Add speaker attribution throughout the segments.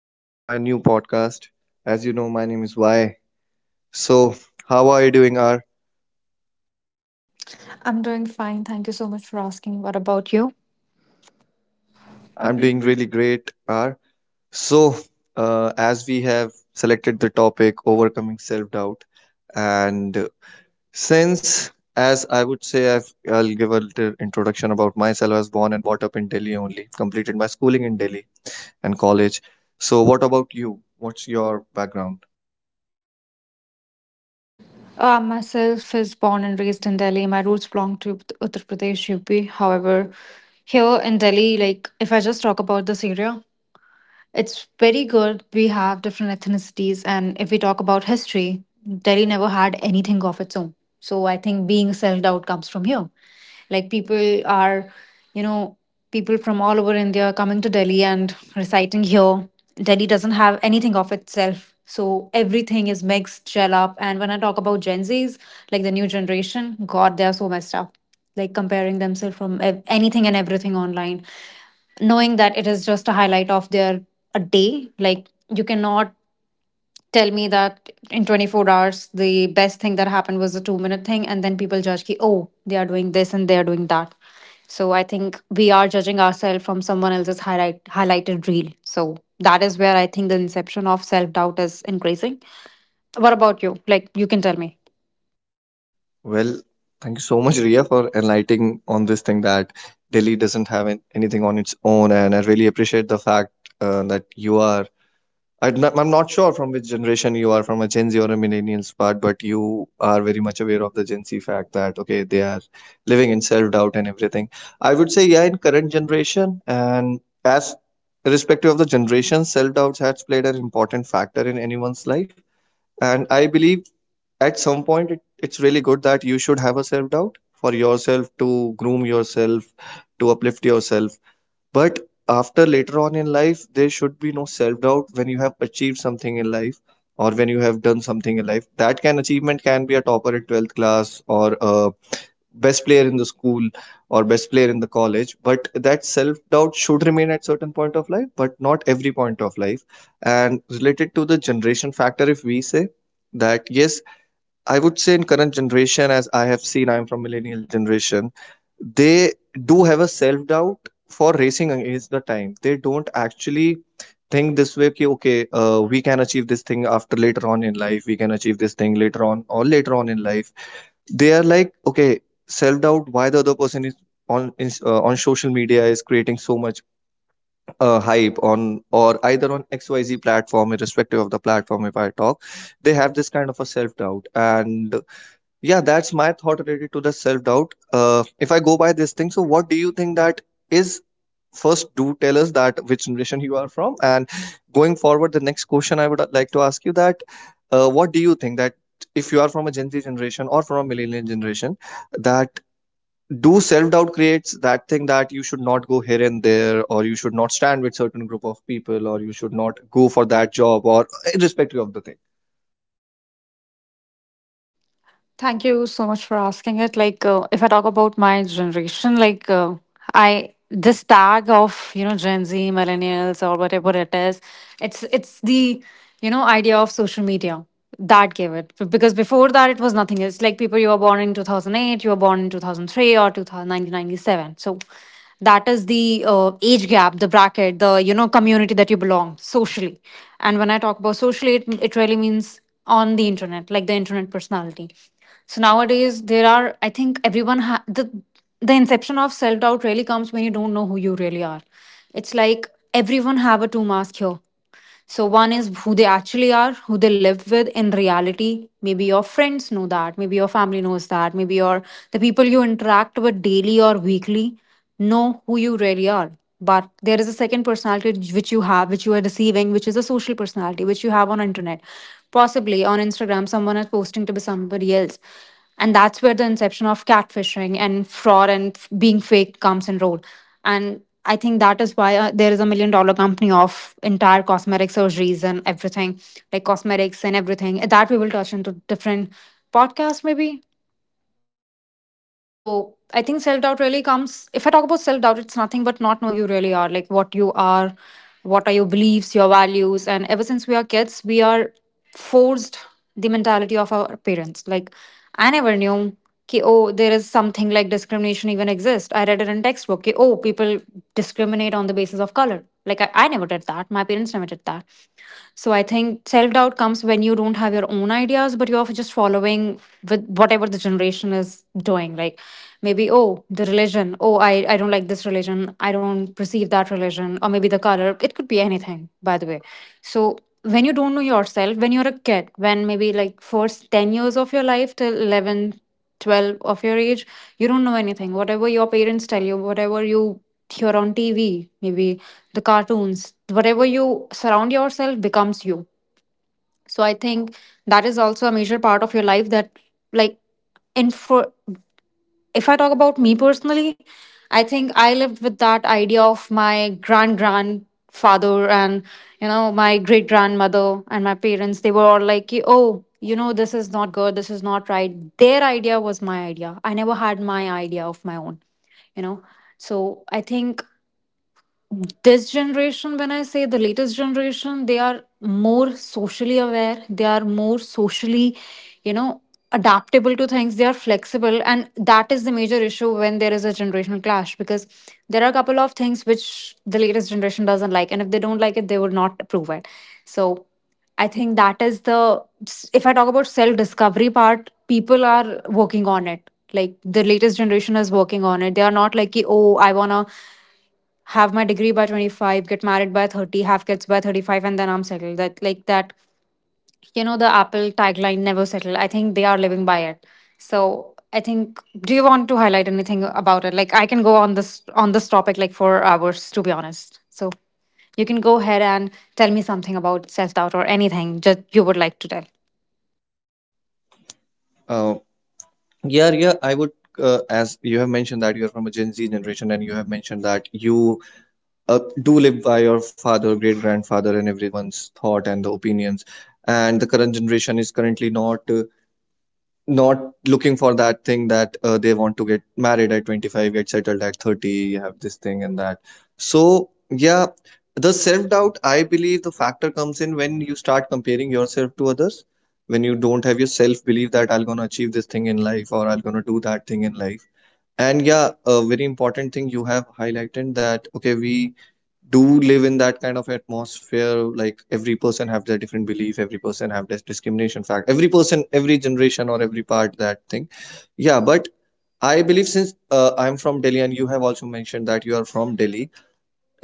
Speaker 1: R on my new podcast. As you know, my name is Y. So how are you doing, R?
Speaker 2: I'm doing fine. Thank you so much for asking. What about you? I'm
Speaker 1: I'm
Speaker 2: doing
Speaker 1: doing
Speaker 2: great.
Speaker 1: really great, R. So as we have selected the topic overcoming self-doubt, and since as I would say, I'll give a little introduction about myself. I was born and brought up in Delhi only. Completed my schooling in Delhi and college. So what about you? What's your background?
Speaker 2: Myself is born and raised in Delhi. My roots belong to Uttar Pradesh, UP. However, here in Delhi, like if I just talk about this area, it's very good. We have different ethnicities, and if we talk about history, Delhi never had anything of its own. So I think being self out comes from here. Like people are, you know, people from all over India coming to Delhi and reciting here. Delhi doesn't have anything of itself. So everything is mixed, gel up. And when I talk about Gen Zs, like the new generation, God, they are so messed up. Like comparing themselves from anything and everything online, knowing that it is just a highlight of their a day. Like you cannot tell me that in 24 hours the best thing that happened was a 2-minute thing, and then people judge ki, oh, they are doing this and they are doing that. So I think we are judging ourselves from someone else's highlighted reel. So that is where I think the inception of self doubt is increasing. What about you? Like you can tell me.
Speaker 1: Well, thank you so much, Ria, for enlightening on this thing that Delhi doesn't have anything on its own, and I really appreciate the fact that you are. I'm not sure from which generation you are, from a Gen Z or a millennials part, but you are very much aware of the Gen Z fact that okay, they are living in self-doubt and everything. I would say yeah, in current generation, and as irrespective of the generation, self-doubt has played an important factor in anyone's life, and I believe at some point it's really good that you should have a self doubt for yourself to groom yourself, to uplift yourself. But after later on in life there should be no self doubt when you have achieved something in life, or when you have done something in life. That can achievement can be a topper in 12th class, or a best player in the school, or best player in the college. But that self doubt should remain at certain point of life, but not every point of life. And related to the generation factor, if we say that yes, I would say in current generation, as I have seen, I'm from millennial generation, they do have a self doubt for racing against the time. They don't actually think this way ki, okay, we can achieve this thing after later on in life, we can achieve this thing later on or later on in life. They are like okay, self doubt, why the other person is on social media is creating so much hype on, or either on xyz platform irrespective of the platform if I talk, they have this kind of a self doubt. And yeah, that's my thought related to the self-doubt. If I go by this thing, so what do you think that is? First, do tell us that which generation you are from, and going forward, the next question I would like to ask you that, what do you think that if you are from a Gen Z generation or from a millennial generation, that do self-doubt creates that thing that you should not go here and there, or you should not stand with certain group of people, or you should not go for that job, or irrespective of the thing.
Speaker 2: Thank you so much for asking it. Like, if I talk about my generation, like, I this tag of, you know, Gen Z, millennials, or whatever it is, it's the, you know, idea of social media that gave it because before that it was nothing. It's like people, you were born in 2008, you were born in 2003 or 2000. So that is the age gap, the bracket, the, you know, community that you belong socially. And when I talk about socially, it really means on the internet, like the internet personality. So nowadays, there are, I think everyone, the inception of self doubt really comes when you don't know who you really are. It's like everyone have a two mask here. So one is who they actually are, who they live with in reality. Maybe your friends know that, maybe your family knows that, maybe your the people you interact with daily or weekly know who you really are. But there is a second personality which you have, which you are receiving, which is a social personality, which you have on internet. Possibly on Instagram, someone is posting to be somebody else. And that's where the inception of catfishing and fraud and being fake comes in role. And I think that is why there is a million dollar company of entire cosmetic surgeries and everything, like cosmetics and everything. That we will touch into different podcasts, maybe. So I think self doubt really comes. If I talk about self doubt, it's nothing but not knowing who you really are, like what you are, what are your beliefs, your values. And ever since we are kids, we are forced the mentality of our parents. Like, I never knew. Ki, oh, there is something like discrimination even exist. I read it in textbook. Ki, oh, people discriminate on the basis of color. Like I never did that. My parents never did that. So I think self doubt comes when you don't have your own ideas, but you're just following with whatever the generation is doing. Like maybe, oh, the religion, oh, I don't like this religion, I don't perceive that religion, or maybe the color. It could be anything, by the way. So when you don't know yourself, when you're a kid, when maybe like first 10 years of your life till 11, 12 of your age, you don't know anything. Whatever your parents tell you, whatever you hear on TV, maybe the cartoons, whatever you surround yourself becomes you. So I think that is also a major part of your life. That like, in for, if I talk about me personally, I think I lived with that idea of my grandfather and, you know, my great grandmother and my parents. They were all like, "Ki, oh, you know, this is not good, this is not right." Their idea was my idea. I never had my idea of my own, you know. So I think this generation, when I say the latest generation, they are more socially aware, they are more socially, you know, adaptable to things. They are flexible, and that is the major issue when there is a generational clash, because there are a couple of things which the latest generation doesn't like, and if they don't like it, they would not approve it. So I think that is the, if I talk about self discovery part, people are working on it. Like the latest generation is working on it. They are not like कि, oh, I want to have my degree by 25, get married by 30, have kids by 35, and then I'm settled, that like that. You know the apple tagline, never settle. I think they are living by it. So I think, do you want to highlight anything about it? Like I can go on this topic like for hours, to be honest. So you can go ahead and tell me something about self doubt or anything just you would like to tell.
Speaker 1: Uh, Yeah, yeah, I would, as you have mentioned that you're from a Gen Z generation and you have mentioned that you do live by your father, great grandfather, and everyone's thought and the opinions. And the current generation is currently not looking for that thing that they want to get married at 25, get settled at 30, have this thing and that. So, yeah, the self-doubt, I believe the factor comes in when you start comparing yourself to others, when you don't have your self-belief that I'm gonna achieve this thing in life or I'm gonna do that thing in life. And yeah, a very important thing you have highlighted that okay, we do live in that kind of atmosphere, like every person have their different belief, every person have this discrimination fact, every person, every generation or every part that thing. Yeah, but I believe since I'm from Delhi and you have also mentioned that you are from Delhi,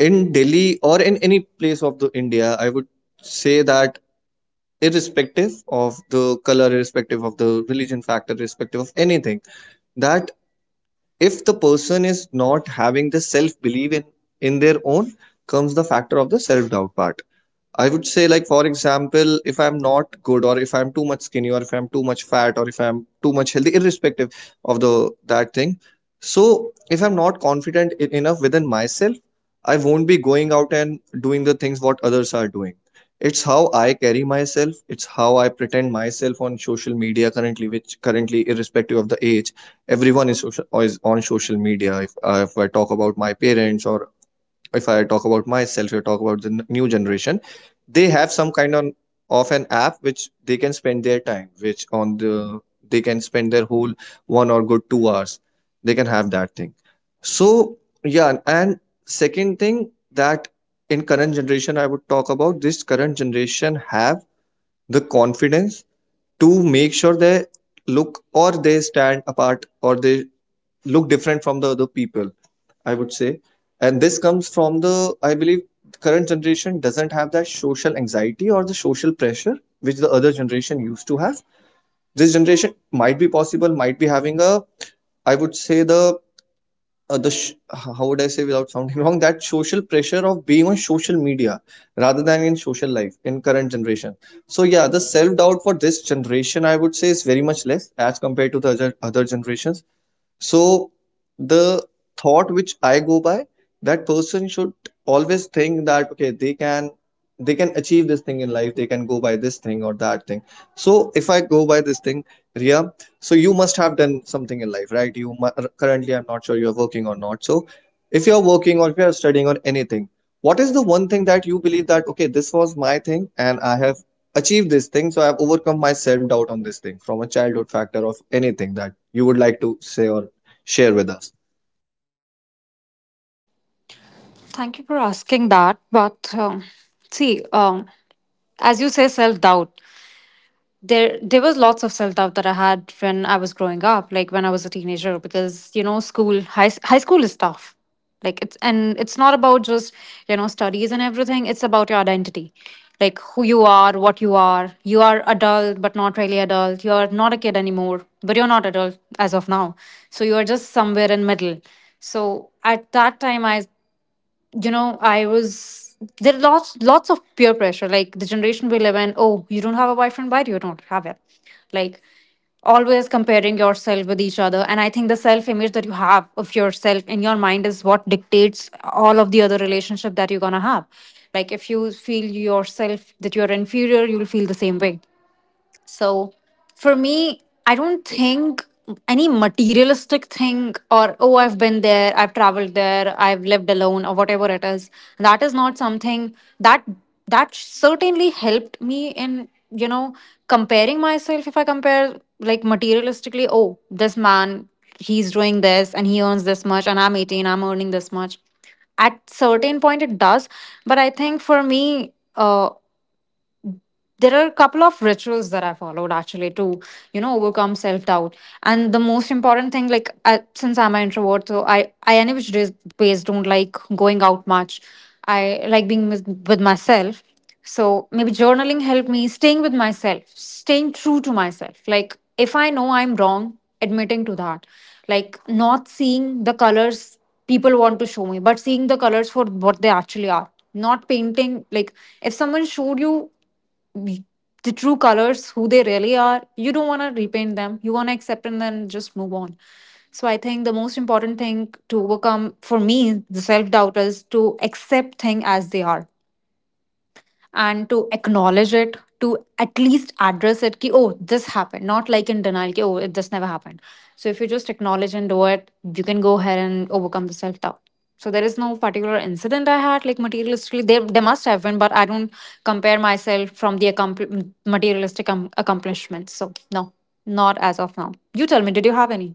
Speaker 1: in Delhi or in any place of the India, I would say that irrespective of the color, irrespective of the religion factor, irrespective of anything, that if the person is not having the self belief in their own, comes the factor of the self doubt part. I would say, like, for example, if I'm not good, or if I'm too much skinny, or if I'm too much fat, or if I'm too much healthy, irrespective of the that thing. So if I'm not confident enough within myself, I won't be going out and doing the things what others are doing. It's how I carry myself. It's how I pretend myself on social media currently, which currently, irrespective of the age, everyone is on social media. If I talk about my parents, or if I talk about myself, you talk about the new generation, they have some kind of an app which they can spend their time, which on the they can spend their whole one or good 2 hours. They can have that thing. So yeah, and second thing that in current generation, I would talk about this current generation have the confidence to make sure they look or they stand apart or they look different from the other people, I would say. And this comes from the, I believe, current generation doesn't have that social anxiety or the social pressure which the other generation used to have. This generation might be possible, might be having a, I would say the how would I say without sounding wrong, that social pressure of being on social media rather than in social life in current generation. So yeah, the self doubt for this generation, I would say, is very much less as compared to the other generations. So the thought which I go by, that person should always think that okay, they can achieve this thing in life, they can go by this thing or that thing. So if I go by this thing, Ria, so you must have done something in life, right? Currently, I'm not sure you're working or not. So if you're working or if you're studying or anything, what is the one thing that you believe that okay, this was my thing and I have achieved this thing, so I've overcome my self doubt on this thing from a childhood factor of anything that you would like to say or share with us.
Speaker 2: Thank you for asking that, but see, as you say self doubt, there was lots of self doubt that I had when I was growing up, like when I was a teenager, because, you know, school, high school is tough. Like it's, and it's not about just, you know, studies and everything. It's about your identity, like who you are, what you are. You are adult, but not really adult. You are not a kid anymore, but you're not adult as of now. So you are just somewhere in middle. So at that time, I, you know, I was, there are lots of peer pressure. Like the generation we live in, oh, you don't have a boyfriend, why do you don't have it. Like always comparing yourself with each other. And I think the self image that you have of yourself in your mind is what dictates all of the other relationship that you're going to have. Like if you feel yourself that you're inferior, you'll feel the same way. So for me, I don't think any materialistic thing or, oh, I've been there, I've traveled there, I've lived alone, or whatever it is, that is not something that that certainly helped me in, you know, comparing myself. If I compare like materialistically, oh, this man, he's doing this and he earns this much, and I'm 18, I'm earning this much, at certain point it does. But I think for me, there are a couple of rituals that I followed actually to, you know, overcome self doubt. And the most important thing, like I, since I'm an introvert, so I any which days ways don't like going out much. I like being with myself. So maybe journaling helped me staying with myself, staying true to myself. Like if I know I'm wrong, admitting to that, like not seeing the colors people want to show me, but seeing the colors for what they actually are. Not painting, like if someone showed you the true colors who they really are, you don't want to repaint them, you want to accept and then just move on. So I think the most important thing to overcome, for me, the self doubt is to accept things as they are, and to acknowledge it, to at least address it. Ki, oh, this happened, not like in denial ki, oh, this never happened. So if you just acknowledge and do it, you can go ahead and overcome the self doubt. So there is no particular incident I had, like materialistically there must have been, but I don't compare myself from the materialistic accomplishments. So no, not as of now. You tell me, did you have any?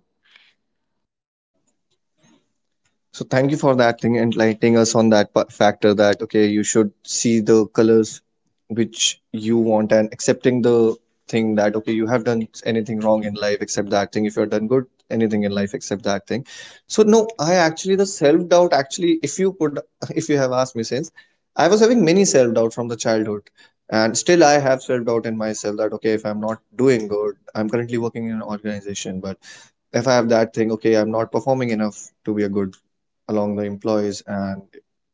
Speaker 1: So thank you for that thing enlightening us on that factor that okay, you should see the colors which you want and accepting the thing that okay, you have done anything wrong in life, except that thing. If you have done good anything in life, except that thing. So no, I actually, the self doubt actually, if you put if you have asked me, since I was having many self doubt from the childhood and still I have self doubt in myself that okay, if I'm not doing good, I'm currently working in an organization, but if I have that thing, okay, I'm not performing enough to be a good along the employees, and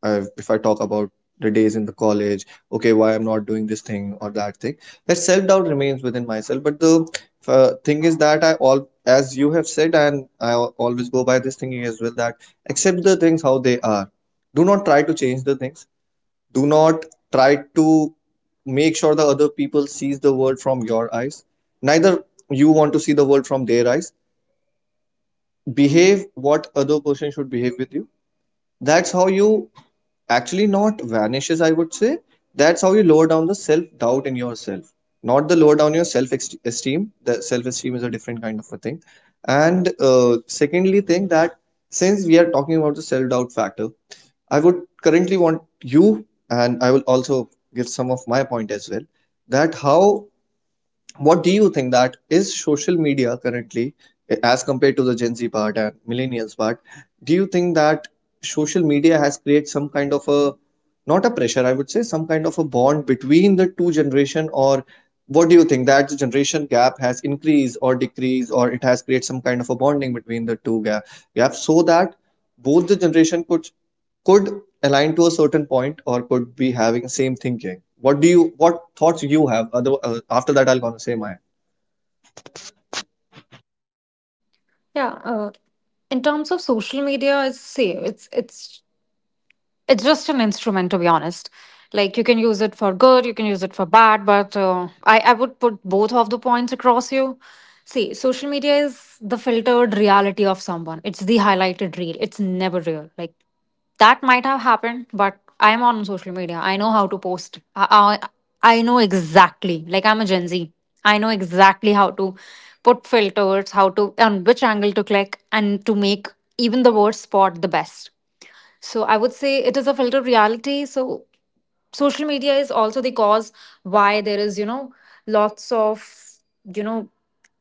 Speaker 1: I've, if I talk about the days in the college, okay, why I'm not doing this thing or that thing, that self-doubt remains within myself. But the thing is that I all, as you have said, and I always go by this thinking as well that accept the things how they are. Do not try to change the things. Do not try to make sure the other people sees the world from your eyes. Neither you want to see the world from their eyes, behave what other person should behave with you. That's how you actually not vanishes, I would say. That's how you lower down the self doubt in yourself, not the lower down your self esteem. The self esteem is a different kind of a thing. And secondly thing that since we are talking about the self doubt factor, I would currently want you, and I will also give some of my point as well, that how, what do you think that is social media currently, as compared to the Gen Z part and millennials part, do you think that social media has created some kind of a not a pressure, I would say some kind of a bond between the two generation? Or what do you think that the generation gap has increased or decreased, or it has created some kind of a bonding between the two gaps, so that both the generation could align to a certain point or could be having the same thinking. What do you, what thoughts you have? Other, after that, I'll gonna say mine.
Speaker 2: Yeah, in terms of social media, it's say it's it's just an instrument, to be honest. Like you can use it for good, you can use it for bad. But I would put both of the points across you. See, social media is the filtered reality of someone. It's the highlighted reel. It's never real. Like that might have happened, but I'm on social media, I know how to post. I know exactly, like I'm a gen z, I know exactly how to put filters, how to on which angle to click and to make even the worst spot the best. So I would say it is a filter of reality. So social media is also the cause why there is, you know, lots of, you know,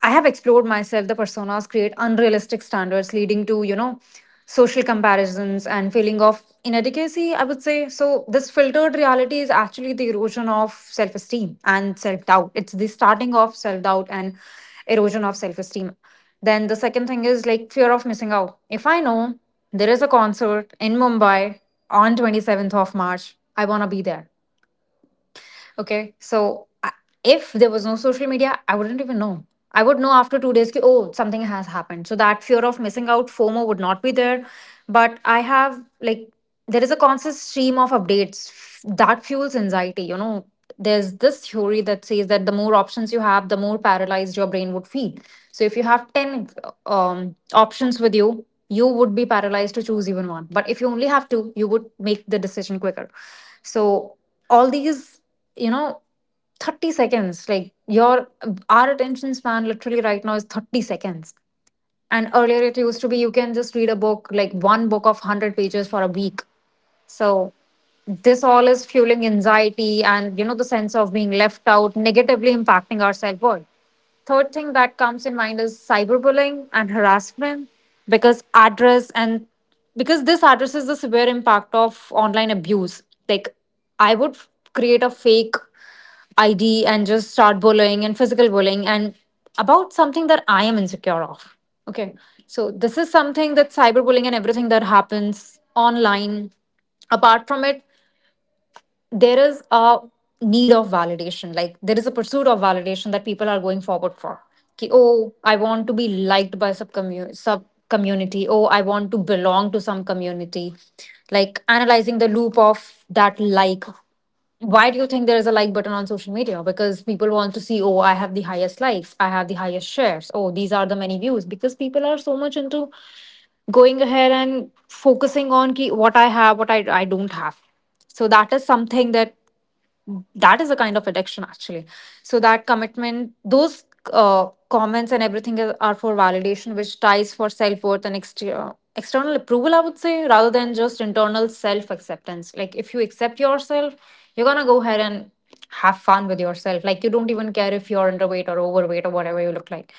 Speaker 2: I have explored myself. The personas create unrealistic standards, leading to, social comparisons and feeling of inadequacy, I would say. So this filtered reality is actually the erosion of self-esteem and self-doubt. It's the starting of self-doubt and erosion of self-esteem. Then the second thing is like fear of missing out. If I know there is a concert in Mumbai on 27th of March. I want to be there. Okay. If there was no social media, I wouldn't even know. I would know after 2 days, ki, oh, something has happened. So that fear of missing out, FOMO, would not be there. But I have, like, there is a constant stream of that fuels anxiety. There's this theory that says that the more options you have, the more paralyzed your brain would feel. So if you have 10 options with you, you would be paralyzed to choose even one. But if you only have two, you would make the decision quicker. So all these you know 30 seconds like your our attention span literally right now is 30 seconds, and earlier it used to be you can just read a book, like one book of 100 pages for a week. So this all is fueling anxiety and, the sense of being left out, negatively impacting our self worth. Third thing that comes in mind is cyberbullying and harassment because address and because this addresses the severe impact of online abuse. Like, create a fake ID and just start bullying and physical bullying and about something that I am insecure of. Okay. So this is something that cyberbullying and everything that happens online. Apart from it, there is a need of validation. Like there is a pursuit of validation that people are going forward for. Ki, oh, I want to be liked by sub community. Oh, I want to belong to some community. Like analyzing the loop of that, like why do you think there is a like button on social media? Because people want to see, oh, I have the highest likes, I have the highest shares, oh, these are the many views. Because people are so much into going ahead and focusing on ki, what I have, what I don't have. So that is something that is a kind of addiction actually. So that commitment, those comments and everything are for validation, which ties for self worth and exterior external approval, I would say, rather than just internal self acceptance. Like if you accept yourself, you're gonna go ahead and have fun with yourself. Like you don't even care if you're underweight or overweight or whatever you look like.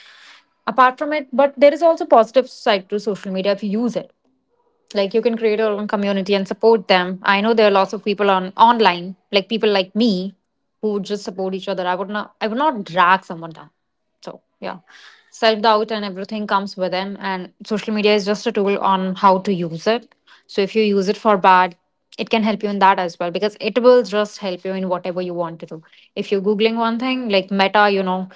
Speaker 2: Apart from it, but there is also positive side to social media if you use it. Like you can create your own community and support them. I know there are lots of people on online, like people like me, who would just support each other. I would not drag someone down. So, yeah, self doubt and everything comes with them. And social media is just a tool on how to use it. So, if you use it for bad, it can help you in that as well because it will just help you in whatever you want to do. If you're Googling one thing like Meta, you know,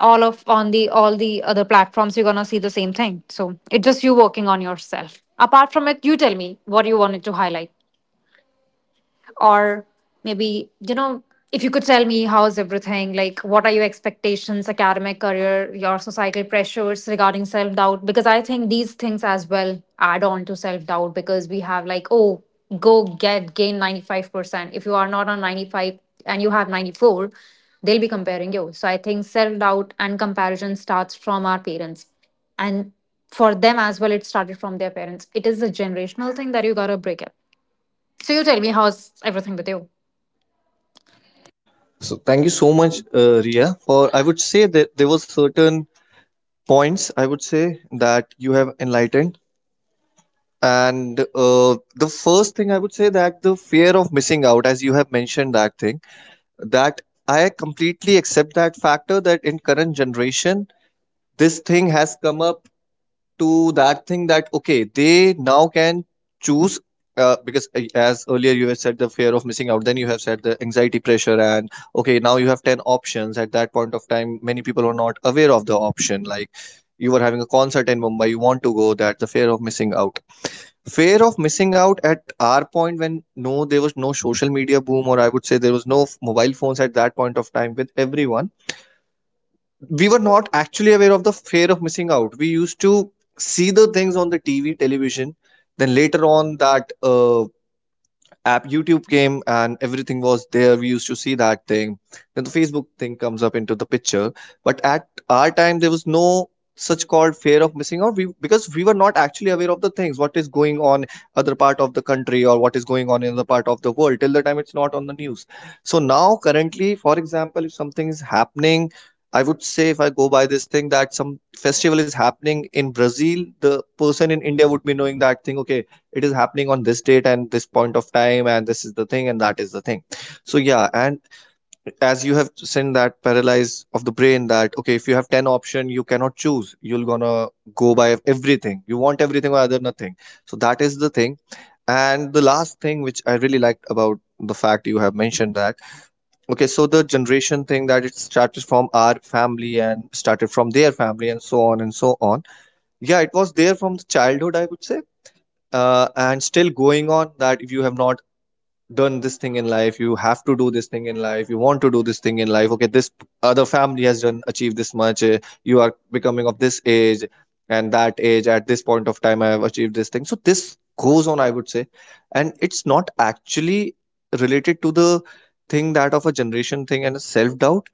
Speaker 2: all of on the all the other platforms you're gonna see the same thing. So it's just you working on yourself. Apart from it, you tell me what you wanted to highlight. Or maybe, you know, if you could tell me how's everything, like what are your expectations, academic career, your societal pressures regarding self doubt, because I think these things as well add on to self doubt, because we have like, oh, go get gain 95% if you are not on 95 and you have 94, they'll be comparing you. So I think self doubt and comparison starts from our parents, and for them as well it started from their parents. It is a generational thing that you got to break it. So you tell me, how's everything with you?
Speaker 1: So thank you so much, Ria. For I would say that there were certain points I would say that you have enlightened. And the first thing I would say that the fear of missing out, as you have mentioned that thing, that I completely accept that factor that in current generation this thing has come up to that thing that okay they now can choose because as earlier you have said the fear of missing out, then you have said the anxiety pressure. And okay, now you have 10 options. At that point of time many people were not aware of the option, like you were having a concert in Mumbai, you want to go, that the fear of missing out, fear of missing out at our point when no, there was no social media boom, or I would say there was no mobile phones at that point of time with everyone. We were not actually aware of the fear of missing out. We used to see the things on the TV, television, then later on that app YouTube came and everything was there, we used to see that thing. Then the Facebook thing comes up into the picture, but at our time there was no such called fear of missing out because we were not actually aware of the things what is going on other part of the country, or what is going on in other part of the world till the time it's not on the news. So now currently, for example, if something is happening, I would say if I go by this thing that some festival is happening in Brazil, the person in India would be knowing that thing. Okay, it is happening on this date and this point of time, and this is the thing and that is the thing. So yeah, and as you have seen that paralysis of the brain that okay, if you have 10 option you cannot choose, you're gonna go by everything, you want everything or other nothing. So that is the thing. And the last thing which I really liked about the fact, you have mentioned that okay, so the generation thing, that it started from our family and started from their family and so on and so on. Yeah, it was there from the childhood I would say. And still going on that if you have not done this thing in life, you have to do this thing in life, you want to do this thing in life. Okay, this other family has done, achieved this much, you are becoming of this age and that age, at this point of time I have achieved this thing, so this goes on I would say. And it's not actually related to the thing that of a generation thing and a self doubt.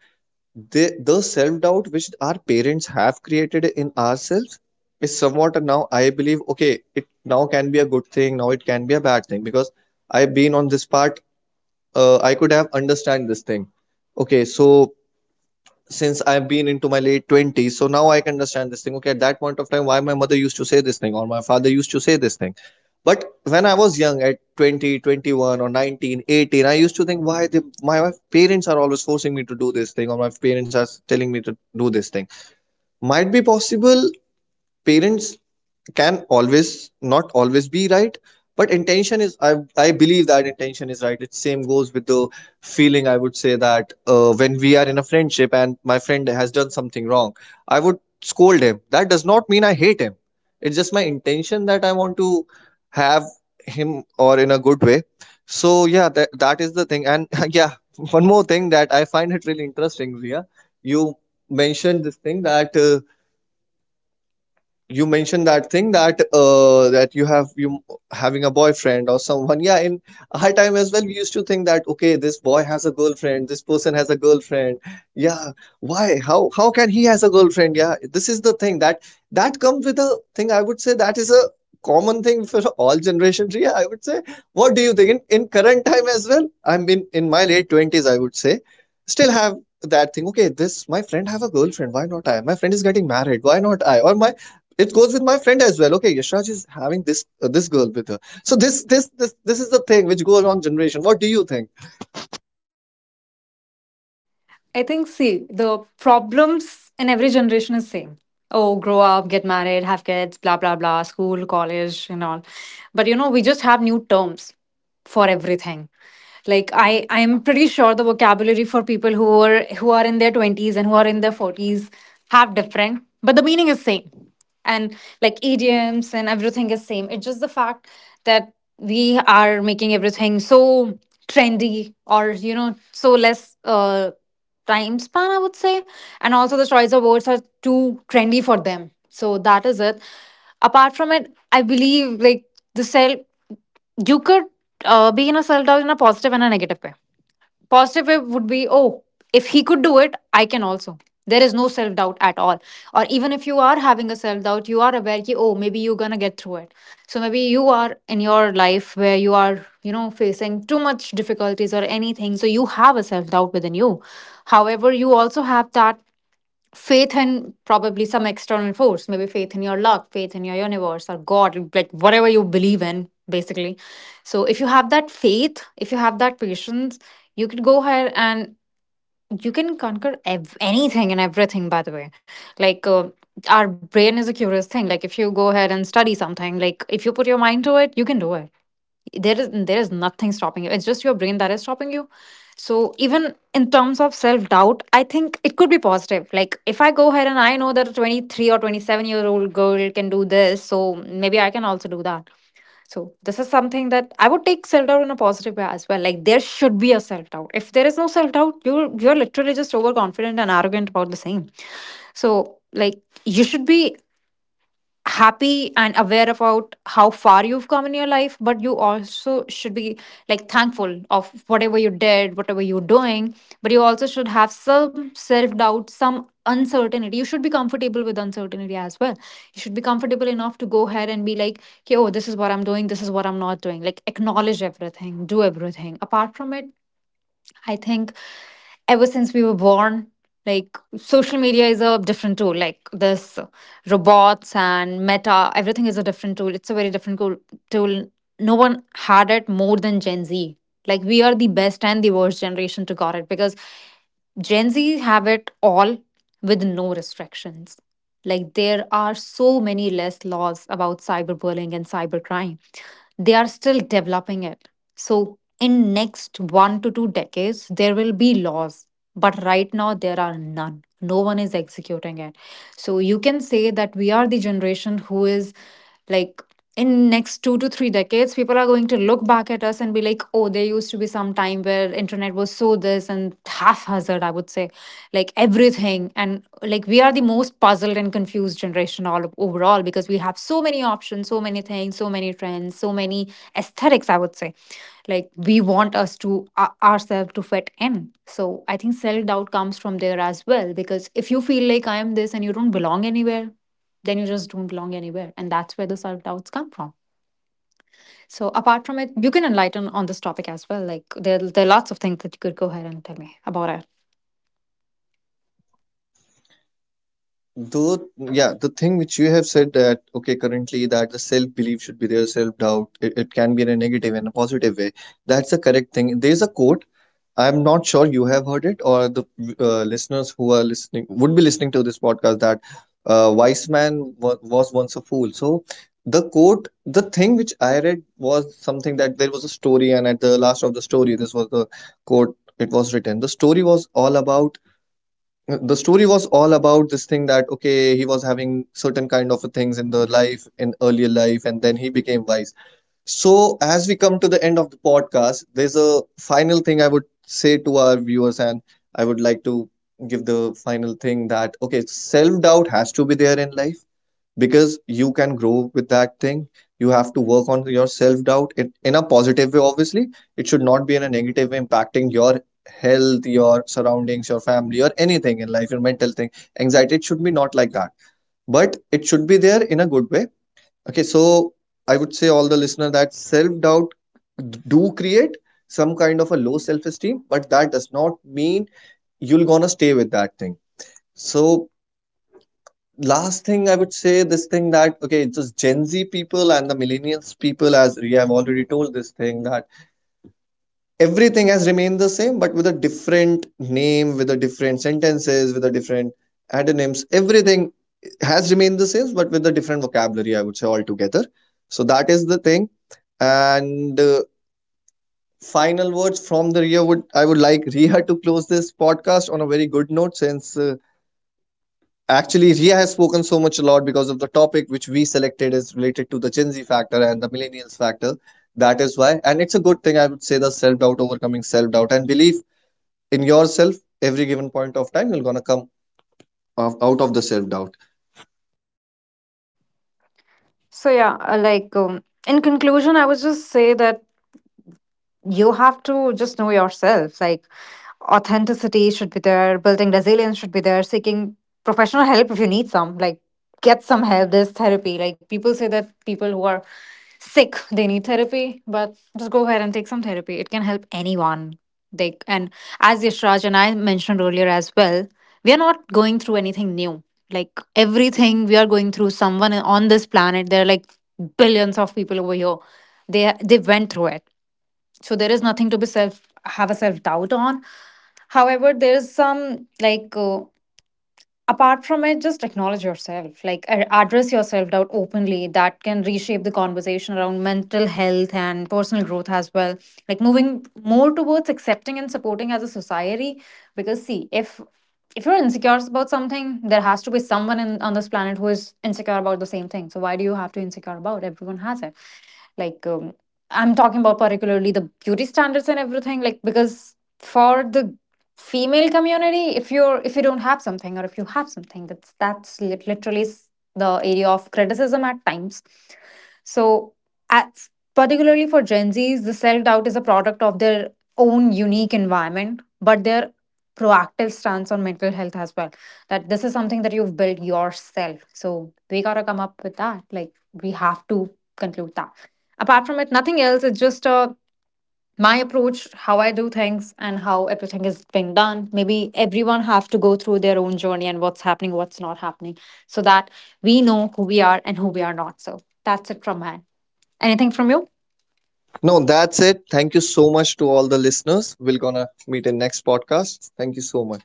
Speaker 1: The self-doubt which our parents have created in ourselves is somewhat, now I believe okay, it now can be a good thing, now it can be a bad thing because I've been on this part. I could have understand this thing. Okay, so since I've been into my late 20s. So now I can understand this thing. Okay, at that point of time, why my mother used to say this thing or my father used to say this thing. But when I was young at 20, 21 or 19, 18, I used to think why they, my parents are always forcing me to do this thing, or my parents are telling me to do this thing. Might be possible parents can always, not always be right, but intention is, I believe that intention is right. It same goes with the feeling, I would say that when we are in a friendship and my friend has done something wrong, I would scold him, that does not mean I hate him. It's just my intention that I want to have him or in a good way. So yeah, that is the thing. And yeah, one more thing that I find it really interesting, Ria, you mentioned this thing that you mentioned that thing that that you have you having a boyfriend or someone. Yeah, in our time as well we used to think that okay, this boy has a girlfriend, this person has a girlfriend. Yeah, why, how can he has a girlfriend. Yeah, this is the thing that, that comes with a thing, I would say that is a common thing for all generations, yeah, I would say. What do you think, in current time as well, I'm in my late 20s, I would say, still have that thing. Okay, this my friend have a girlfriend, why not I, my friend is getting married, why not I, or my, it goes with my friend as well. Okay, Yashraj is having this this girl with her. So this is the thing which goes on generation. What do you think
Speaker 2: I think, see, the problems in every generation is same. Oh, grow up, get married, have kids, blah blah blah, school, college, and all. But you know, we just have new terms for everything. Like I'm pretty sure the vocabulary for people who are in their twenties and who are in their forties have different, but the meaning is same. And like idioms and everything is same. It's just the fact that we are making everything so trendy, or you know, so less time span, I would say. And also, the choice of words are too trendy for them. So that is it. Apart from it, I believe like the self, you could be in a self doubt in a positive and a negative way. Positive way would be, oh, if he could do it, I can also. There is no self doubt at all. Or even if you are having a self doubt, you are aware that, oh, maybe you're going to get through it. So maybe you are in your life where you are, you know, facing too much difficulties or anything. So you have a self doubt within you. However, you also have that faith in probably some external force, maybe faith in your luck, faith in your universe or god, like whatever you believe in basically. So if you have that faith, if you have that patience, you could go ahead and you can anything and everything by the way. Like our brain is a curious thing. Like if you go ahead and study something, like if you put your mind to it, you can do it. There is nothing stopping you, it's just your brain that is stopping you. So even in terms of self doubt, I think it could be positive. Like if I go ahead and I know that a 23 or 27-year-old girl can do this, so maybe I can also do that. So this is something that I would take self doubt in a positive way as well. Like there should be a self doubt. If there is no self doubt, you're literally just overconfident and arrogant about the same. So like you should be happy and aware about how far you've come in your life, but you also should be like thankful of whatever you did, whatever you're doing. But you also should have some self doubt, some uncertainty. You should be comfortable with uncertainty as well. You should be comfortable enough to go ahead and be like, okay, oh, this is what I'm doing, this is what I'm not doing, like acknowledge everything, do everything. Apart from it, I think ever since we were born, like social media is a different tool. Like this robots and meta, everything is a different tool. It's a very different tool. No one had it more than Gen Z. Like we are the best and the worst generation to got it because Gen Z have it all with no restrictions. Like there are so many less laws about cyberbullying and cybercrime. They are still developing it, so in next 1 to 2 decades there will be laws, but right now there are none, no one is executing it. So you can say that we are the generation who is like, in next 2 to 3 decades, people are going to look back at us and be like, oh, there used to be some time where internet was so this and haphazard, I would say. Like everything. And like we are the most puzzled and confused generation all overall, because we have so many options, so many things, so many trends, so many aesthetics, I would say. Like we want us to ourselves to fit in. So I think self doubt comes from there as well, because if you feel like I am this and you don't belong anywhere, then you just don't belong anywhere, and that's where the self doubts come from. So apart from it, you can enlighten on this topic as well. Like there are lots of things that you could go ahead and tell me about it.
Speaker 1: though? Yeah, the thing which you have said that okay, currently that the self belief should be there, self doubt, it can be in a negative and a positive way, that's a correct thing. There's a quote, I'm not sure you have heard it, or the listeners who are listening would be listening to this podcast, that wise man wa was once a fool. So the quote, the thing which I read was something that there was a story, and at the last of the story, this was the quote. It was written. The story was all about this thing that okay, he was having certain kind of things in the life in earlier life, and then he became wise. So, as we come to the end of the podcast, there's a final thing I would say to our viewers, and I would like to give the final thing that okay, self doubt has to be there in life because you can grow with that thing. You have to work on your self doubt in a positive way, obviously. It should not be in a negative way, impacting your health, your surroundings, your family, or anything in life, your mental thing. Anxiety, it should be not like that, but it should be there in a good way. Okay, so I would say all the listener that self-doubt do create some kind of a low self-esteem, but that does not mean you'll gonna stay with that thing. So last thing I would say this thing that okay, it's just Gen Z people and the millennials people, as we have already told this thing, that everything has remained the same but with a different name, with a different sentences, with a different antonyms, everything has remained the same but with a different vocabulary, I would say altogether. So that is the thing. And final words from the Ria, would I would like Riha to close this podcast on a very good note since actually Ria has spoken so much a lot because of the topic which we selected is related to the Gen Z factor and the millennials factor. That is why, and it's a good thing I would say, the self doubt, overcoming self doubt and belief in yourself, every given point of time you're gonna come out of the self-doubt.
Speaker 2: So yeah, like in conclusion, I would just say that you have to just know yourself. Like authenticity should be there, building resilience should be there, seeking professional help if you need some. Like get some help, there's therapy. Like people say that people who are sick they need therapy, but just go ahead and take some therapy, it can help anyone. They, and as yashraj and I mentioned earlier as well, we are not going through anything new. Like everything we are going through, someone on this planet, there are like billions of people over here, they went through it. So there is nothing to be self have a self doubt on. However, there is some, like apart from it, just acknowledge yourself. Like address yourself doubt openly, that can reshape the conversation around mental health and personal growth as well, like moving more towards accepting and supporting as a society. Because see, if you're insecure about something, there has to be someone in, on this planet who is insecure about the same thing. So why do you have to insecure about, everyone has it. Like I'm talking about particularly the beauty standards and everything. Like because for the female community, if you're, if you don't have something or if you have something, that's literally the area of criticism at times. So at, particularly for gen z's, the self-doubt is a product of their own unique environment, but their proactive stance on mental health as well. That this is something that you've built yourself, so we gotta come up with that. Like we have to conclude that. Apart from it, nothing else. It's just a, my approach, how I do things and how everything is being done. Maybe everyone have to go through their own journey, and what's happening, what's not happening, so that we know who we are and who we are not. So that's it from mine. Anything from you?
Speaker 1: No, that's it, thank you so much to all the listeners, we're gonna meet in next podcast, thank you so much.